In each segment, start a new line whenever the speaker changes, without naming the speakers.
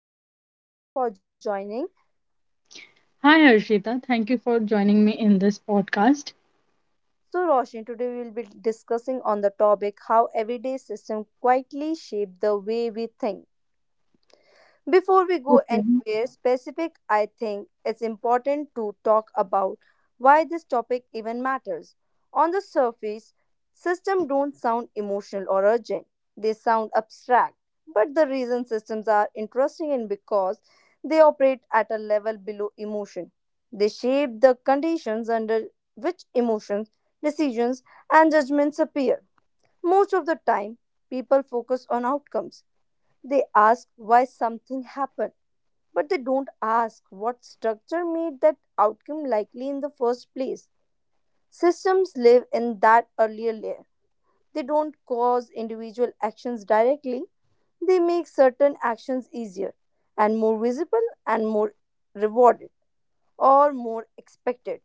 podcast. Thank you for joining.
Hi, Arshita. Thank you for joining me in this podcast.
So, Roshni, today we will be discussing on the topic how everyday system quietly shape the way we think. Before we go
Okay.
anywhere specific, I think it's important to talk about why this topic even matters. On the surface, systems don't sound emotional or urgent. They sound abstract. But the reason systems are interesting is because they operate at a level below emotion. They shape the conditions under which emotions, decisions, and judgments appear. Most of the time, people focus on outcomes. They ask why something happened, but they don't ask what structure made that outcome likely in the first place. Systems live in that earlier layer. They don't cause individual actions directly, they make certain actions easier and more visible and more rewarded or more expected.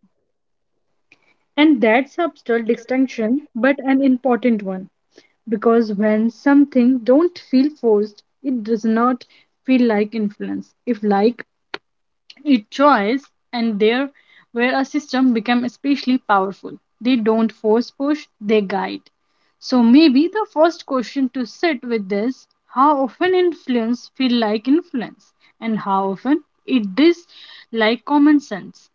And that's subtle distinction, but an important one because when something don't feel forced, it does not feel like influence. If like it choice and there where a system become especially powerful, they don't force push, they guide. So maybe the first question to sit with is how often influence feel like influence, and how often it does, like common sense.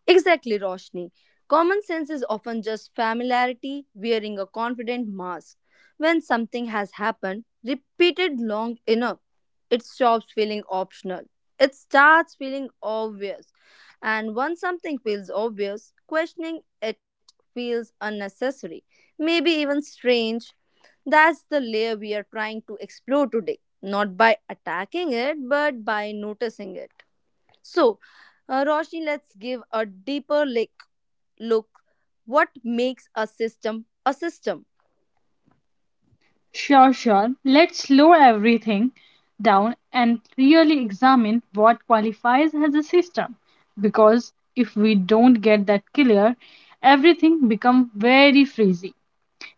Exactly, Roshni. Common sense is often just familiarity wearing a confident mask. When something has happened repeated long enough, it stops feeling optional. It starts feeling obvious. And once something feels obvious, questioning it feels unnecessary, maybe even strange. That's the layer we are trying to explore today, not by attacking it, but by noticing it. So, Roshni, let's give a deeper look. What makes a system a system?
Sure, let's slow everything down and really examine what qualifies as a system, because if we don't get that clear everything become very frizzy.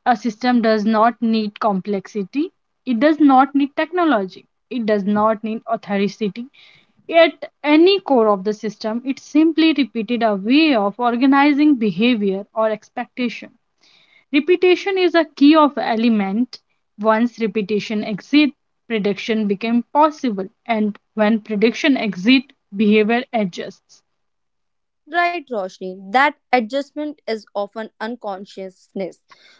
A system does not need complexity, it does not need technology, it does not need authority. At any core of the system, it simply repeated a way of organizing behavior or expectation. Repetition is a key of element. Once repetition exit, prediction became possible, and when prediction exit, behavior adjusts.
Right, Roshni, that adjustment is often unconsciousness.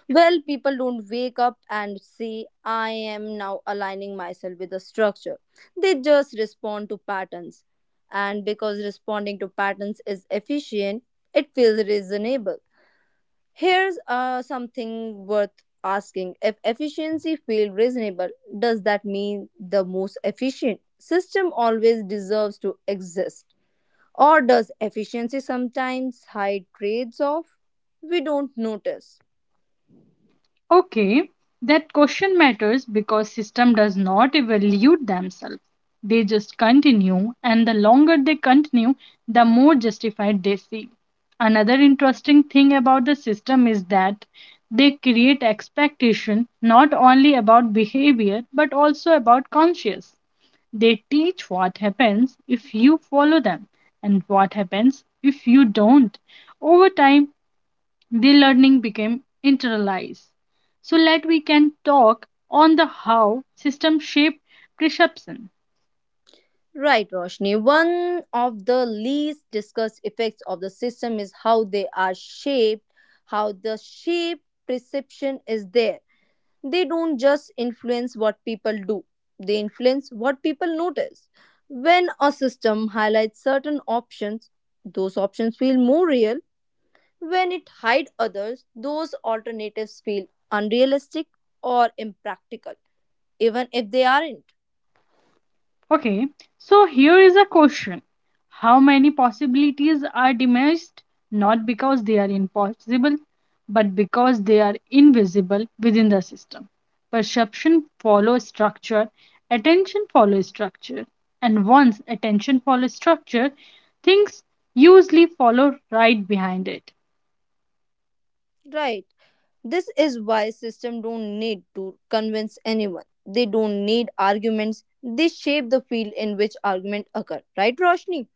Well, people don't wake up and say, I am now aligning myself with a structure. They just respond to patterns. And because responding to patterns is efficient, it feels reasonable. Here's something worth asking. If efficiency feels reasonable, does that mean the most efficient system always deserves to exist? Or does efficiency sometimes hide trades off we don't notice?
Okay, that question matters because system does not evaluate themselves. They just continue and the longer they continue, the more justified they feel. Another interesting thing about the system is that they create expectation not only about behavior but also about conscience. They teach what happens if you follow them and what happens if you don't. Over time, the learning became internalized. So let we can talk on the how system shape perception.
Right, Roshni. One of the least discussed effects of the system is how they are shaped, how the shape perception is there. They don't just influence what people do, they influence what people notice. When a system highlights certain options, those options feel more real. When it hides others, those alternatives feel unrealistic or impractical, even if they aren't.
Okay, so here is a question. How many possibilities are diminished not because they are impossible but because they are invisible within the system. Perception follows structure, attention follows structure, and once attention follows structure, things usually follow right behind it.
Right, this is why system don't need to convince anyone. They don't need arguments, they shape the field in which argument occur, right, Roshni?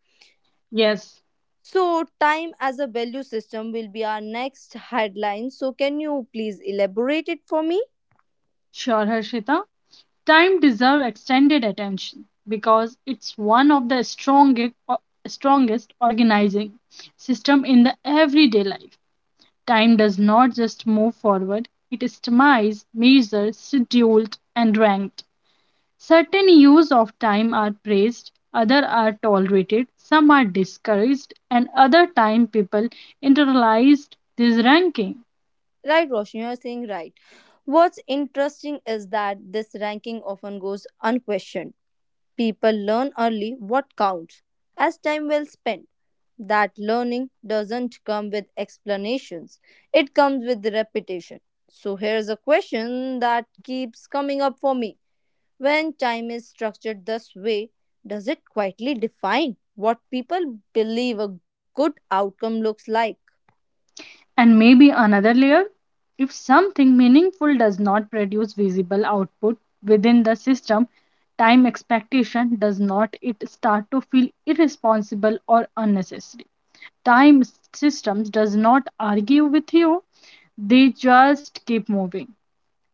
Yes.
So, time as a value system will be our next headline. So, can you please elaborate it for me?
Sure, Harshita. Time deserve extended attention because it's one of the strongest organizing system in the everyday life. Time does not just move forward; it is itemized, measured, scheduled, and ranked. Certain use of time are praised, other are tolerated, some are discouraged, and other time people internalized this ranking.
Right, Roshni, you're saying right. What's interesting is that this ranking often goes unquestioned. People learn early what counts as time well spent. That learning doesn't come with explanations, it comes with repetition. So, here's a question that keeps coming up for me. When time is structured this way, does it quietly define what people believe a good outcome looks like?
And maybe another layer? If something meaningful does not produce visible output within the system, time expectation does not it start to feel irresponsible or unnecessary. Time systems does not argue with you, they just keep moving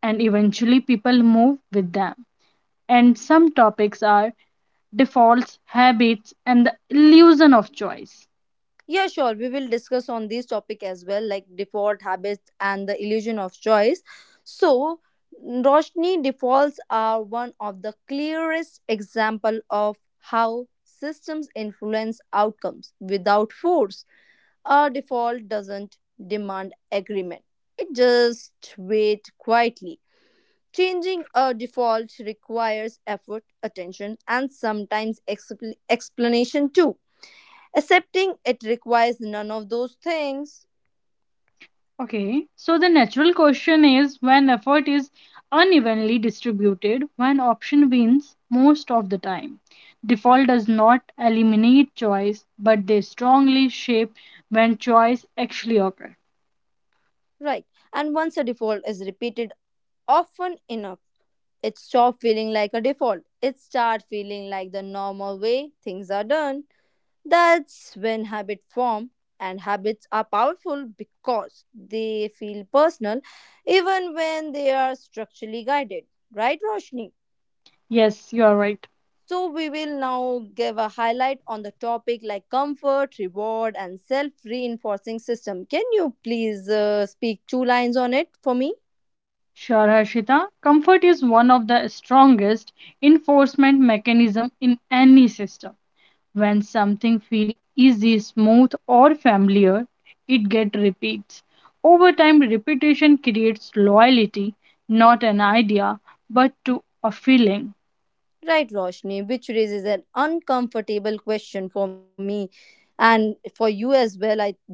and eventually people move with them. And some topics are defaults, habits and the illusion of choice.
Yeah, sure. We will discuss on this topic as well, like default habits and the illusion of choice. So, Roshni, defaults are one of the clearest example of how systems influence outcomes without force. A default doesn't demand agreement. It just waits quietly. Changing a default requires effort, attention, and sometimes explanation too. Accepting it requires none of those things.
Okay, so the natural question is when effort is unevenly distributed, one option wins most of the time. Default does not eliminate choice, but they strongly shape when choice actually occurs.
Right. And once a default is repeated often enough, it stops feeling like a default. It starts feeling like the normal way things are done. That's when habit form, and habits are powerful because they feel personal even when they are structurally guided. Right, Roshni?
Yes, you are right.
So, we will now give a highlight on the topic like comfort, reward, and self reinforcing system. Can you please speak two lines on it for me?
Sure, Harshita. Comfort is one of the strongest enforcement mechanism in any system. When something feels easy, smooth, or familiar, it gets repeats. Over time, repetition creates loyalty, not an idea, but to a feeling.
Right, Roshni, which raises an uncomfortable question for me and for you as well. I,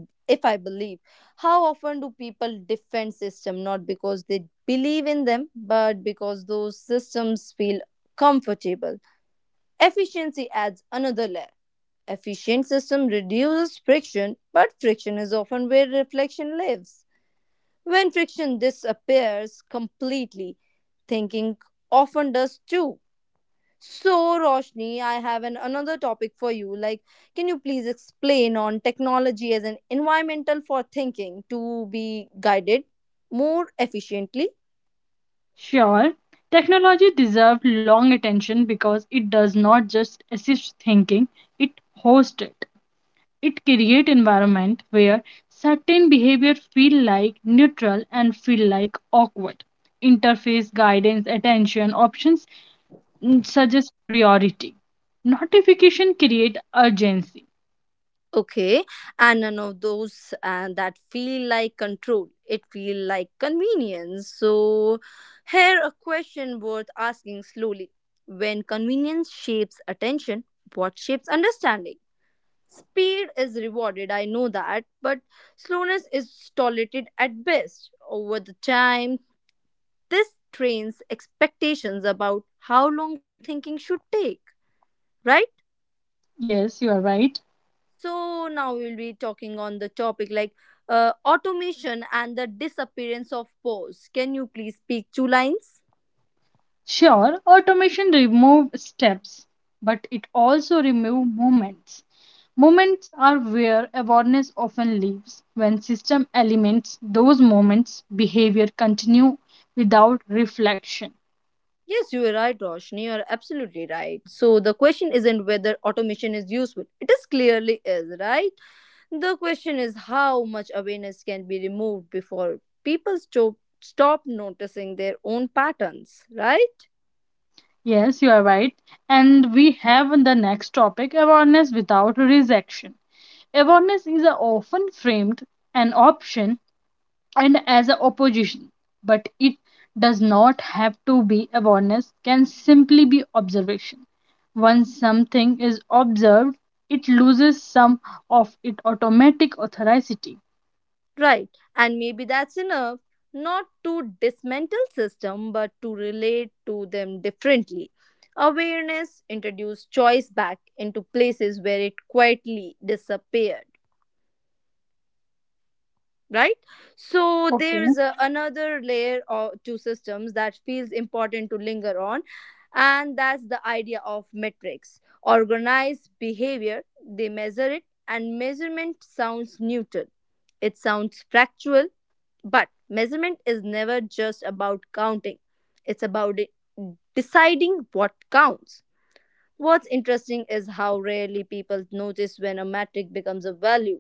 if I believe, how often do people defend system not because they believe in them, but because those systems feel comfortable? Efficiency adds another layer. Efficient system reduces friction, but friction is often where reflection lives. When friction disappears completely, thinking often does too. So, Roshni, I have an another topic for you. Like, can you please explain on technology as an environmental for thinking to be guided more efficiently?
Sure, technology deserves long attention because it does not just assist thinking, it hosts it. It creates environment where certain behavior feel like neutral and feel like awkward interface guidance attention options suggest priority. Notification create urgency.
Okay, and none of those that feel like control. It feel like convenience. So, here a question worth asking slowly: when convenience shapes attention, what shapes understanding? Speed is rewarded, I know that, but slowness is tolerated at best. Over the time, this trains expectations about how long thinking should take. Right?
Yes, you are right.
So now we'll be talking on the topic like automation and the disappearance of pause. Can you please speak two lines?
Sure, automation remove steps, but it also remove moments. Moments are where awareness often lives. When system elements those moments, behavior continue without reflection.
Yes, you are right, Roshni. You are absolutely right. So the question isn't whether automation is useful. It is clearly is, right? The question is how much awareness can be removed before people stop noticing their own patterns, right?
Yes, you are right. And we have the next topic awareness without rejection. Awareness is often framed an option and as a opposition, but it does not have to be. Awareness can simply be observation. Once something is observed, it loses some of its automatic authority.
Right. And maybe that's enough. Not to dismantle system, but to relate to them differently. Awareness introduced choice back into places where it quietly disappeared, right? So
Okay.
there's another layer of two systems that feels important to linger on, and that's the idea of metrics organized behavior. They measure it, and measurement sounds neutral, it sounds factual, but measurement is never just about counting. It's about deciding what counts. What's interesting is how rarely people notice when a metric becomes a value.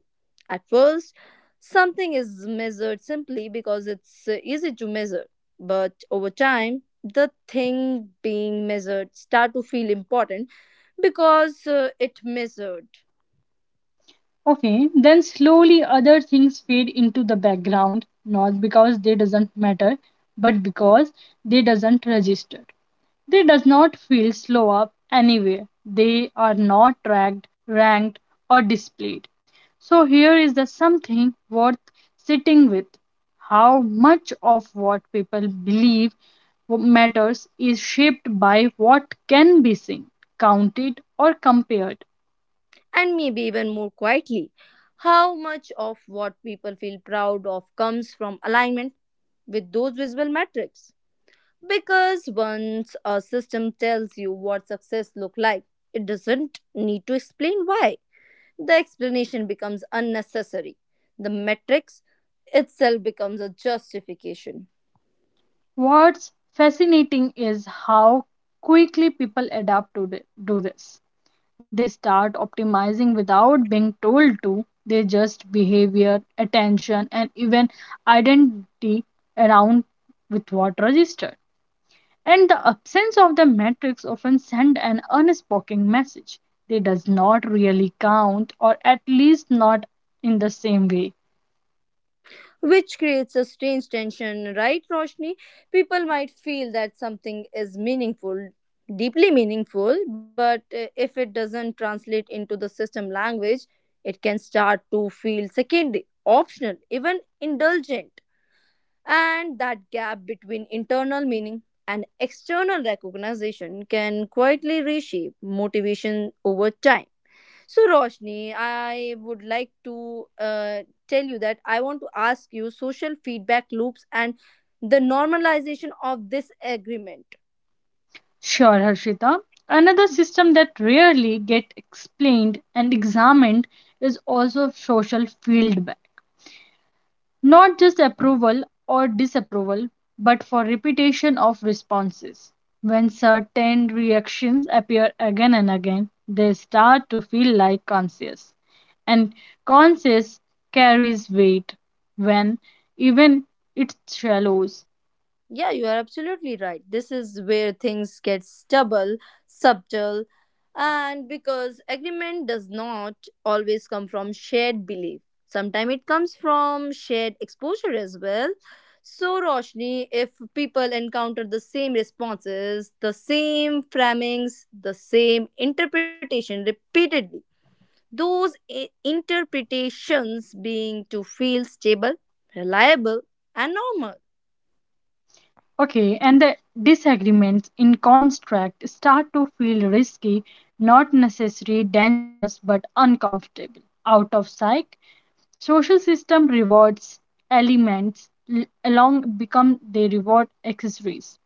At first, something is measured simply because it's easy to measure, but over time, the thing being measured start to feel important because it measured.
Okay, then slowly other things fade into the background, not because they doesn't matter, but because they doesn't register. They does not feel slow up anywhere. They are not tracked, ranked or displayed. So here is the something worth sitting with. How much of what people believe matters is shaped by what can be seen, counted, or compared.
And maybe even more quietly, how much of what people feel proud of comes from alignment with those visible metrics. Because once a system tells you what success looks like, it doesn't need to explain why. The explanation becomes unnecessary. The metrics itself becomes a justification,
What's fascinating is how quickly people adapt to do this. They start optimizing without being told to. They just behavior, attention, and even identity around with what registered. And the absence of the matrix often send an unspoken message. They does not really count, or at least not in the same way.
which creates a strange tension, right, Roshni? People might feel that something is meaningful, deeply meaningful, but if it doesn't translate into the system language, it can start to feel secondary, optional, even indulgent. And that gap between internal meaning and external recognition can quietly reshape motivation over time. So, Roshni, I would like to tell you that I want to ask you social feedback loops and the normalization of this agreement.
Sure, Harshita. Another system that rarely get explained and examined is also social feedback, not just approval or disapproval, but for repetition of responses. When certain reactions appear again and again, they start to feel like conscious, and conscious carries weight when even it shallows.
Yeah, you are absolutely right. This is where things get subtle, and because agreement does not always come from shared belief. Sometimes it comes from shared exposure as well. So, Roshni, if people encounter the same responses, the same framings, the same interpretation repeatedly, those interpretations being to feel stable, reliable, and normal.
Okay, and the disagreements in contract start to feel risky, not necessarily dangerous, but uncomfortable. Out of sight, social system rewards elements l- along become they reward accessories.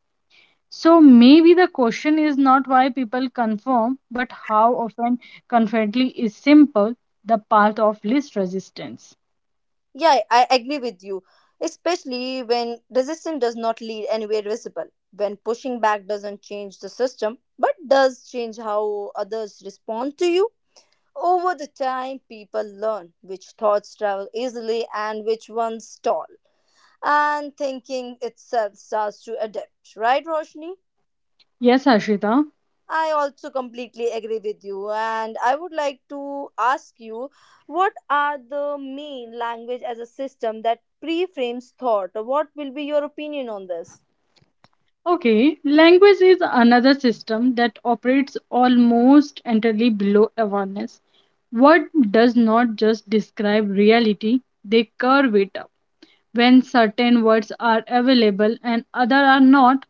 So maybe the question is not why people conform but how often confidently is simple the path of least resistance.
Yeah, I agree with you, especially when resistance does not lead anywhere visible, when pushing back doesn't change the system, but does change how others respond to you. Over the time, people learn which thoughts travel easily and which ones stall, and thinking itself starts to adapt. Right, Roshni?
Yes, Ashita.
I also completely agree with you, and I would like to ask you, what are the main language as a system that pre-frames thought? What will be your opinion on this?
Okay, language is another system that operates almost entirely below awareness. What does not just describe reality, they curve it up. When certain words are available and other are not,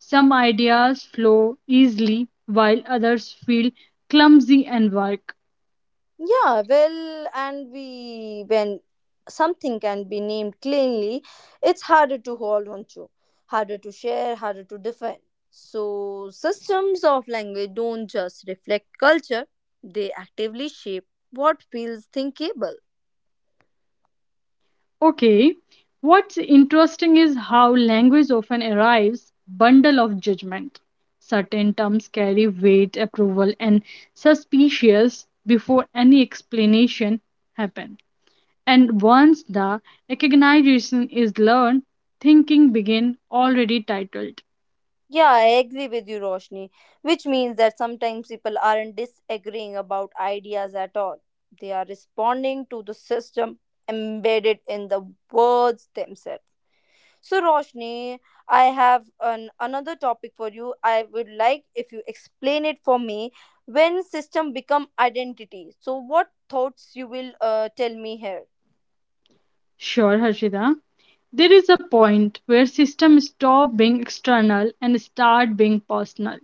some ideas flow easily while others feel clumsy and work.
Yeah, well, and we when something can be named cleanly, it's harder to hold on to, harder to share, harder to defend. So, systems of language don't just reflect culture, they actively shape what feels thinkable.
Okay, what's interesting is how language often arrives bundle of judgment. Certain terms carry weight, approval, and suspicious before any explanation happen. And once the recognition is learned, thinking begin already titled.
Yeah, I agree with you, Roshni, which means that sometimes people aren't disagreeing about ideas at all. They are responding to the system embedded in the words themselves. So, Roshni, I have an, another topic for you. I would like if you explain it for me when system become identity. So, what thoughts you will tell me here?
Sure, Harshita. There is a point where systems stop being external and start being personal.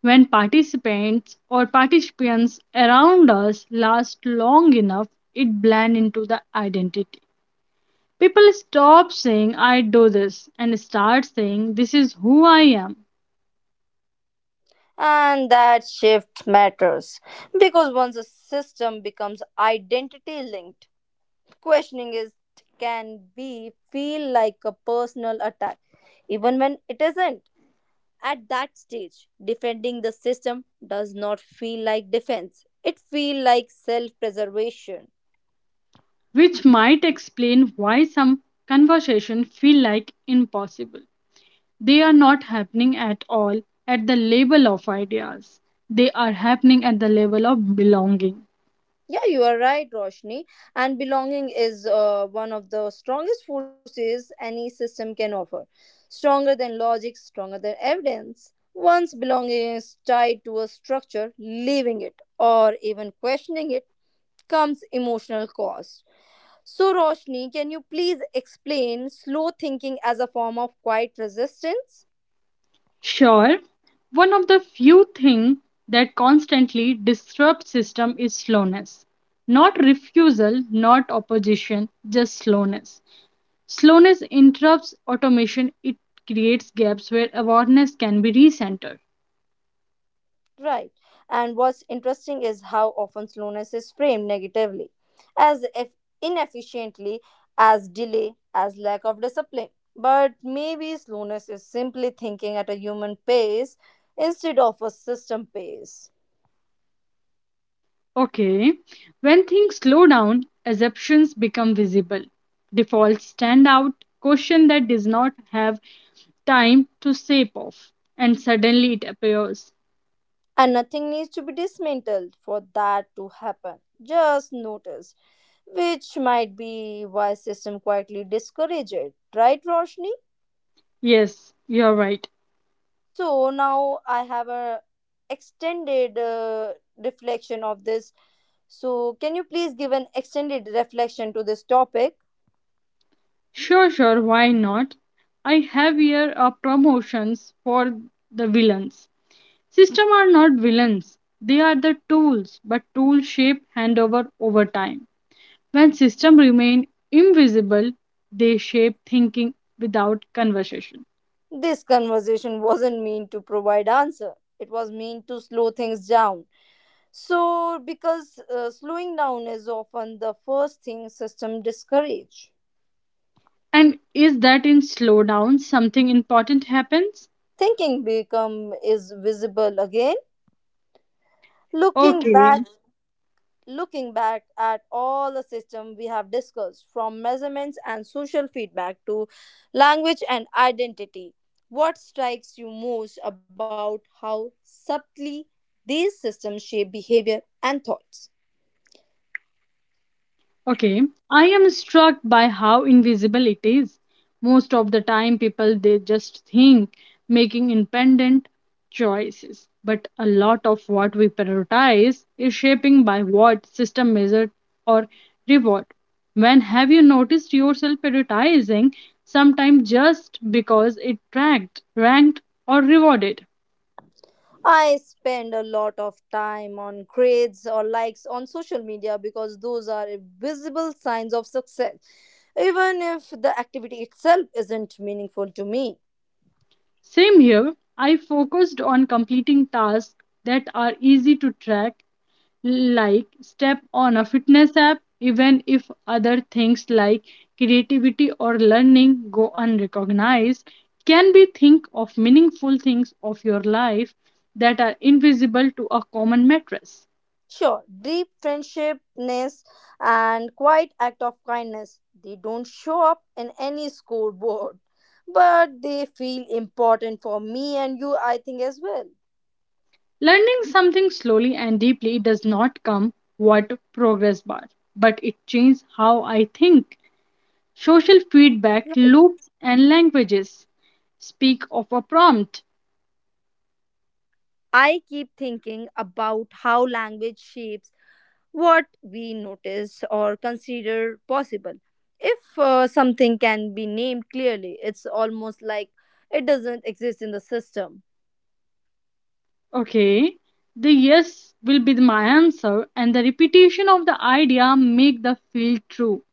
When participants or participants around us last long enough, it blends into the identity. People stop saying, "I do this," and start saying, "This is who I am,"
And that shift matters because once a system becomes identity linked, questioning it can be feel like a personal attack, even when it isn't. At that stage defending the system does not feel like defense, it feel like self preservation.
which might explain why some conversations feel like impossible. They are not happening at all at the level of ideas. They are happening at the level of belonging.
Yeah, you are right, Roshni, and belonging is one of the strongest forces any system can offer, stronger than logic, stronger than evidence. Once belonging is tied to a structure, leaving it or even questioning it comes emotional cost. So, Roshni, can you please explain slow thinking as a form of quiet resistance?
Sure, one of the few things that constantly disrupts system is slowness. Not refusal, not opposition, just slowness. Slowness interrupts automation, it creates gaps where awareness can be recentered.
Right. And what's interesting is how often slowness is framed negatively, as if inefficiently, as delay, as lack of discipline. But maybe slowness is simply thinking at a human pace instead of a system pace.
Okay. When things slow down, assumptions become visible. Defaults stand out, caution that does not have time to sap off, and suddenly it appears.
And nothing needs to be dismantled for that to happen. Just notice, which might be why system quietly discourage it, right, Roshni?
Yes, you're right.
So now I have a extended reflection of this. So can you please give an extended reflection to this topic?
Sure, why not? I have here promotions for the villains. System are not villains. They are the tools, but tools shape handover over time. When system remain invisible, they shape thinking without conversation.
This conversation wasn't meant to provide answer, it was meant to slow things down. So, because slowing down is often the first thing system discourage,
And is that in slowdown something important happens?
thinking become is visible again. Looking
Okay,
back, looking back at all the systems we have discussed, from measurements and social feedback to language and identity, what strikes you most about how subtly these systems shape behavior and thoughts?
okay. I am struck by how invisible it is. Most of the time, people they just think making independent choices. But a lot of what we prioritize is shaping by what system measured or reward. When have you noticed yourself prioritizing sometimes just because it tracked, ranked, or rewarded?
I spend a lot of time on grades or likes on social media because those are visible signs of success, even if the activity itself isn't meaningful to me.
Same here, I focused on completing tasks that are easy to track, like step on a fitness app, even if other things like creativity or learning go unrecognized. Can we think of meaningful things of your life that are invisible to a common mattress?
Sure, deep friendshipness and quiet act of kindness. They don't show up in any scoreboard, but they feel important for me and you, I think, as well.
Learning something slowly and deeply does not come what progress bar, but it changes how I think. Social
Right.
feedback loops and languages speak of a prompt.
I keep thinking about how language shapes what we notice or consider possible. If something can be named clearly, it's almost like it doesn't exist in the system.
Okay, the yes will be the- my answer, and the repetition of the idea make the feel true,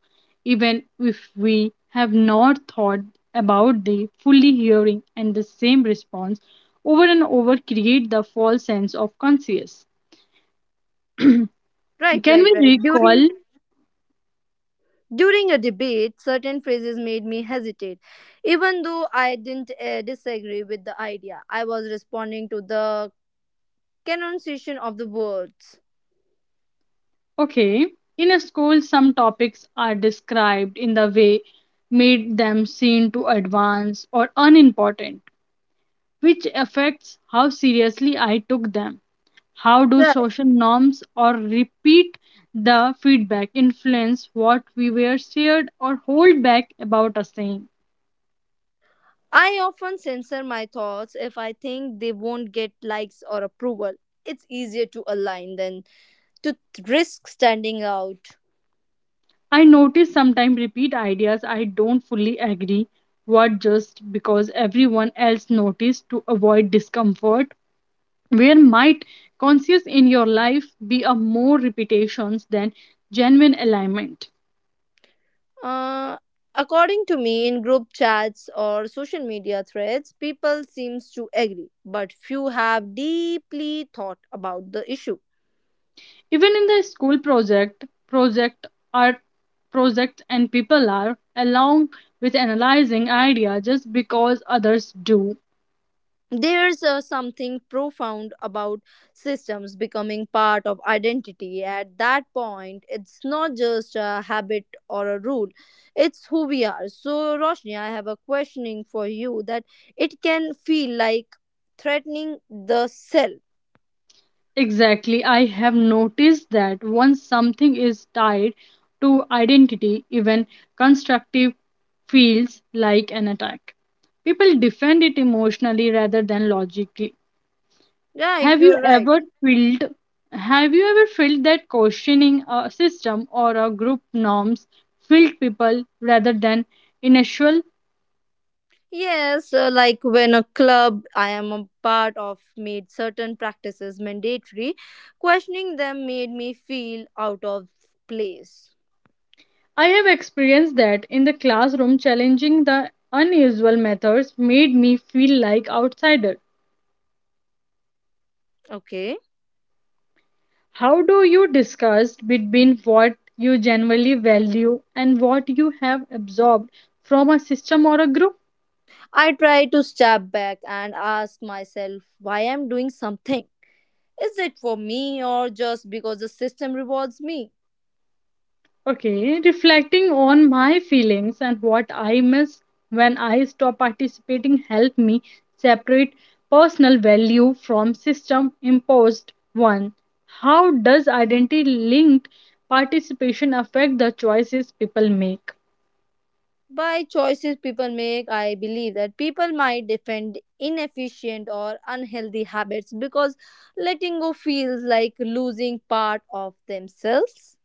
even if we have not thought about the fully hearing and the same response over and over create the false sense of conscious.
Right,
Can
right,
we
right.
recall.
During a debate, certain phrases made me hesitate. Even though I didn't disagree with the idea, I was responding to the pronunciation of the words.
Okay. In a school, some topics are described in the way made them seem too advanced or unimportant, which affects how seriously I took them. How do
Right.
social norms or repeat the feedback influence what we were shared or hold back about a saying?
I often censor my thoughts if I think they won't get likes or approval. It's easier to align than to risk standing out.
I notice sometimes repeat ideas I don't fully agree what just because everyone else noticed to avoid discomfort, where might conscious in your life be a more repetitions than genuine alignment?
Uh, According to me, in group chats or social media threads, people seems to agree, but few have deeply thought about the issue.
Even in the school project, art projects, and people are along with analyzing idea just because others do.
There's something profound about systems becoming part of identity. At that point, it's not just a habit or a rule, it's who we are. So, Roshni, I have a questioning for you that it can feel like threatening the self.
Exactly, I have noticed that once something is tied to identity, even constructive feels like an attack. People defend it emotionally rather than logically.
Right,
Have you
you're right.
ever felt have you ever felt that questioning a system or a group norms filled people rather than initial?
Yes, like when a club I am a part of made certain practices mandatory, questioning them made me feel out of place.
I have experienced that in the classroom challenging the unusual methods made me feel like outsider.
Okay.
How do you discuss between what you generally value and what you have absorbed from a system or a group?
I try to step back and ask myself why I'm doing something. Is it for me or just because the system rewards me?
Okay, reflecting on my feelings and what I miss when I stop participating helped me separate personal value from system imposed one. How does identity linked participation affect the choices people make?
By choices people make, I believe that people might defend inefficient or unhealthy habits because letting go feels like losing part of themselves.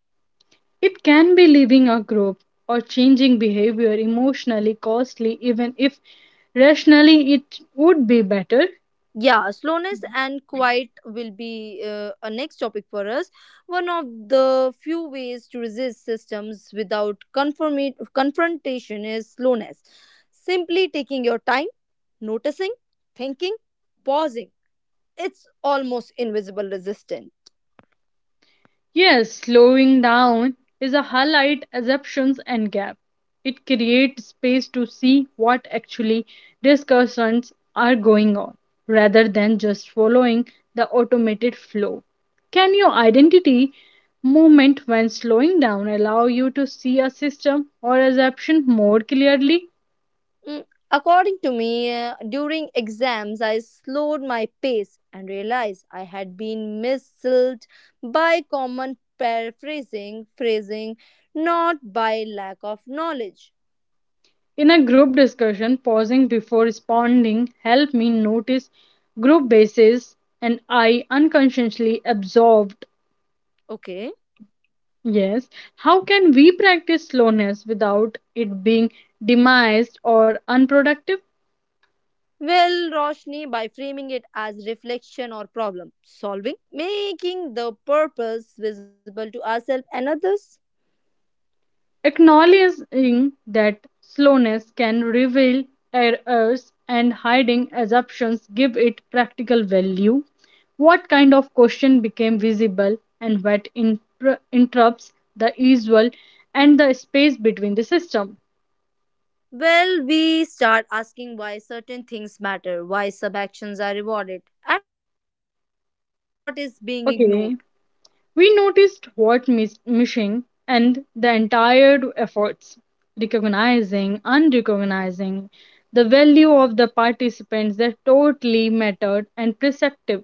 It can be leaving a group or changing behavior emotionally costly even if rationally it would be better.
Yeah, slowness and quiet will be a next topic for us. One of the few ways to resist systems without confrontation is slowness, simply taking your time, noticing, thinking, pausing. It's almost invisible resistance.
Yes, slowing down is a highlight assumptions and gap. It creates space to see what actually discussions are going on rather than just following the automated flow. Can your identity movement when slowing down allow you to see a system or assumption more clearly?
Mm, according to me, during exams, I slowed my pace and realized I had been misled by common phrasing, not by lack of knowledge.
In a group discussion, pausing before responding helped me notice group bases and I unconsciously absorbed.
Okay.
Yes. How can we practice slowness without it being demised or unproductive?
Well, Roshni, by framing it as reflection or problem solving, making the purpose visible to ourselves and others.
Acknowledging that slowness can reveal errors and hiding assumptions give it practical value. What kind of question became visible and what interrupts the usual and the space between the system?
Well, we start asking why certain things matter, why sub actions are rewarded, and what is being ignored.
Okay. We noticed what is missing and the entire efforts, recognizing, unrecognizing, the value of the participants that totally mattered and perceptive.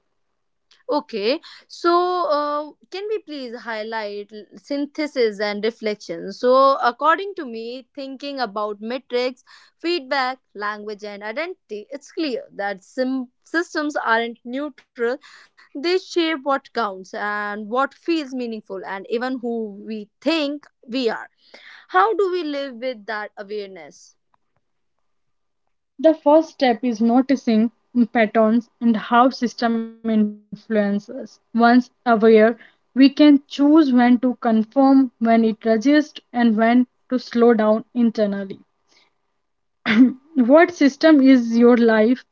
Okay, so can we please highlight synthesis and reflection? So, according to me, thinking about metrics, feedback, language, and identity, it's clear that systems aren't neutral. They shape what counts and what feels meaningful, and even who we think we are. How do we live with that awareness?
The first step is noticing patterns and how system influences. Once aware, we can choose when to conform, when it resists, and when to slow down internally. What system is your life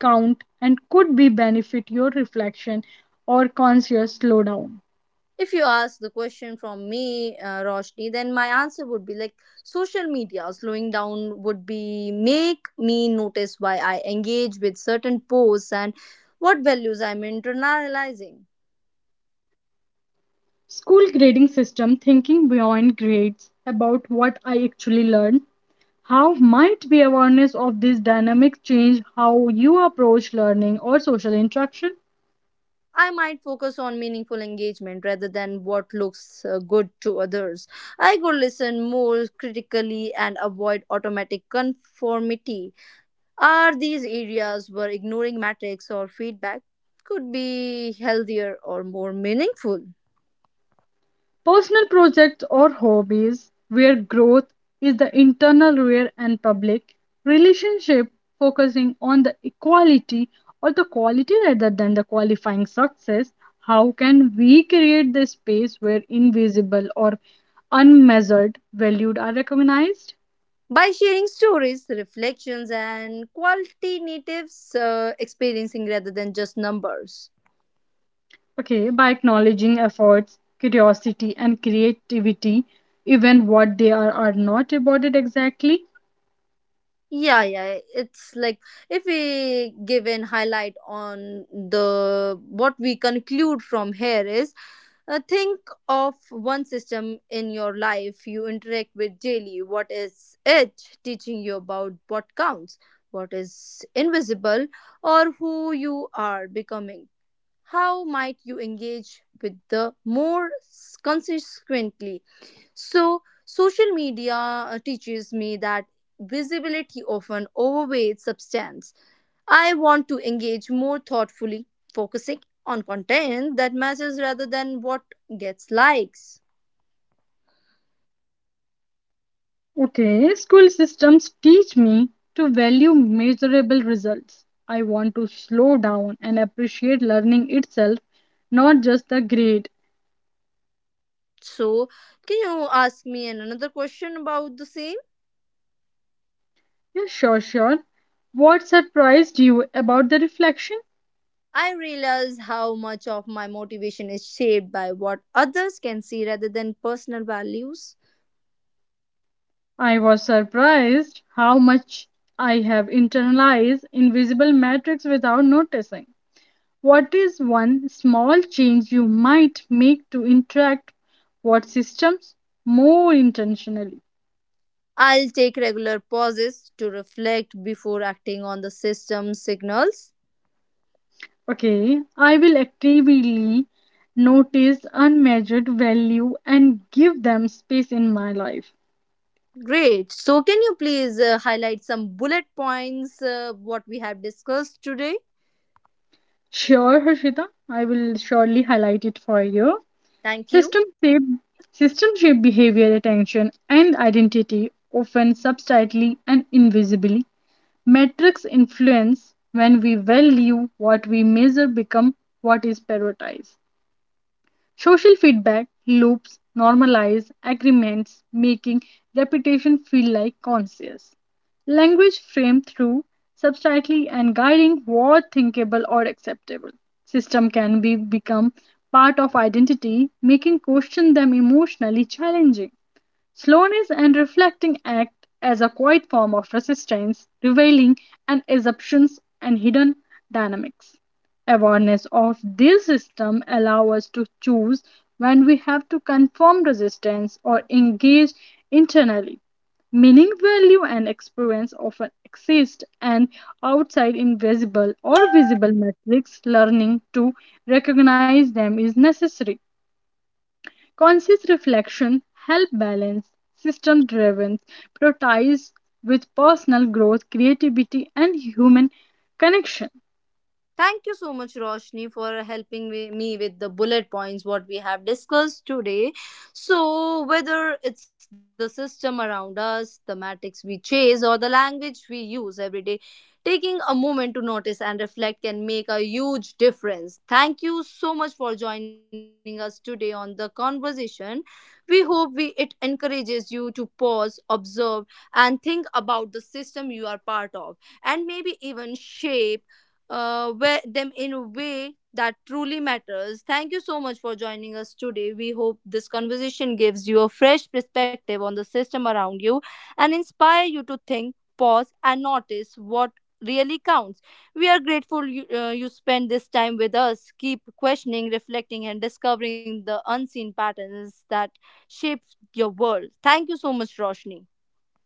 count and could be benefit your reflection or conscious slowdown?
If you ask the question from me, Roshni, then my answer would be like social media. Slowing down would be make me notice why I engage with certain posts and what values I'm internalizing.
School grading system thinking beyond grades about what I actually learned. How might be awareness of this dynamic change how you approach learning or social interaction?
I might focus on meaningful engagement rather than what looks good to others. I could listen more critically and avoid automatic conformity. Are these areas where ignoring metrics or feedback could be healthier or more meaningful?
Personal projects or hobbies where growth is the internal rear and public relationship focusing on the equality or the quality rather than the qualifying success. How can we create the space where invisible or unmeasured valued are recognized?
By sharing stories, reflections, and qualitatives, experiencing rather than just numbers.
Okay, by acknowledging efforts, curiosity and creativity, even what they are not rewarded exactly.
Yeah, yeah, it's like if we give an highlight on the what we conclude from here is think of one system in your life you interact with daily. What is it teaching you about what counts, what is invisible, or who you are becoming? How might you engage with the more consequently? So, social media teaches me that visibility often overweights substance. I want to engage more thoughtfully, focusing on content that matters rather than what gets likes.
Okay, school systems teach me to value measurable results. I want to slow down and appreciate learning itself, not just the grade.
So, can you ask me another question about the same?
Yeah, sure. What surprised you about the reflection?
I realize how much of my motivation is shaped by what others can see rather than personal values.
I was surprised how much I have internalized invisible metrics without noticing. What is one small change you might make to interact what systems more intentionally?
I'll take regular pauses to reflect before acting on the system signals.
Okay, I will actively notice unmeasured value and give them space in my life.
Great. So, can you please highlight some bullet points what we have discussed today?
Sure, Harshita, I will surely highlight it for you.
Thank you.
System shape, system shape behavior, attention, and identity, often subtly and invisibly. Metrics influence when we value what we measure become what is prioritized. Social feedback loops normalize agreements, making repetition feel like conscious. Language framed through subtly and guiding what thinkable or acceptable. System can be become part of identity, making question them emotionally challenging. Slowness and reflecting act as a quiet form of resistance, revealing and assumptions and hidden dynamics. Awareness of this system allows us to choose when we have to conform resistance or engage internally. Meaning, value, and experience often exist and outside invisible or visible metrics. Learning to recognize them is necessary. Conscious reflection help balance system driven priorities with personal growth, creativity, and human connection.
Thank you so much, Roshni, for helping me with the bullet points what we have discussed today. So, whether it's the system around us, the metrics we chase, or the language we use every day, taking a moment to notice and reflect can make a huge difference. Thank you so much for joining us today on the conversation. We hope we, it encourages you to pause, observe, and think about the system you are part of, and maybe even shape them in a way that truly matters. Thank you so much for joining us today. We hope this conversation gives you a fresh perspective on the system around you and inspire you to think, pause, and notice what really counts. We are grateful you, you spend this time with us. Keep questioning, reflecting, and discovering the unseen patterns that shape your world. Thank you so much, Roshni.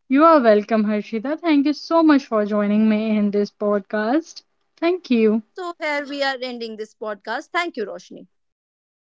You are welcome, Harshita. Thank you so much for joining me in this podcast. Thank
So,
you.
here we are ending this podcast. Thank you, Roshni.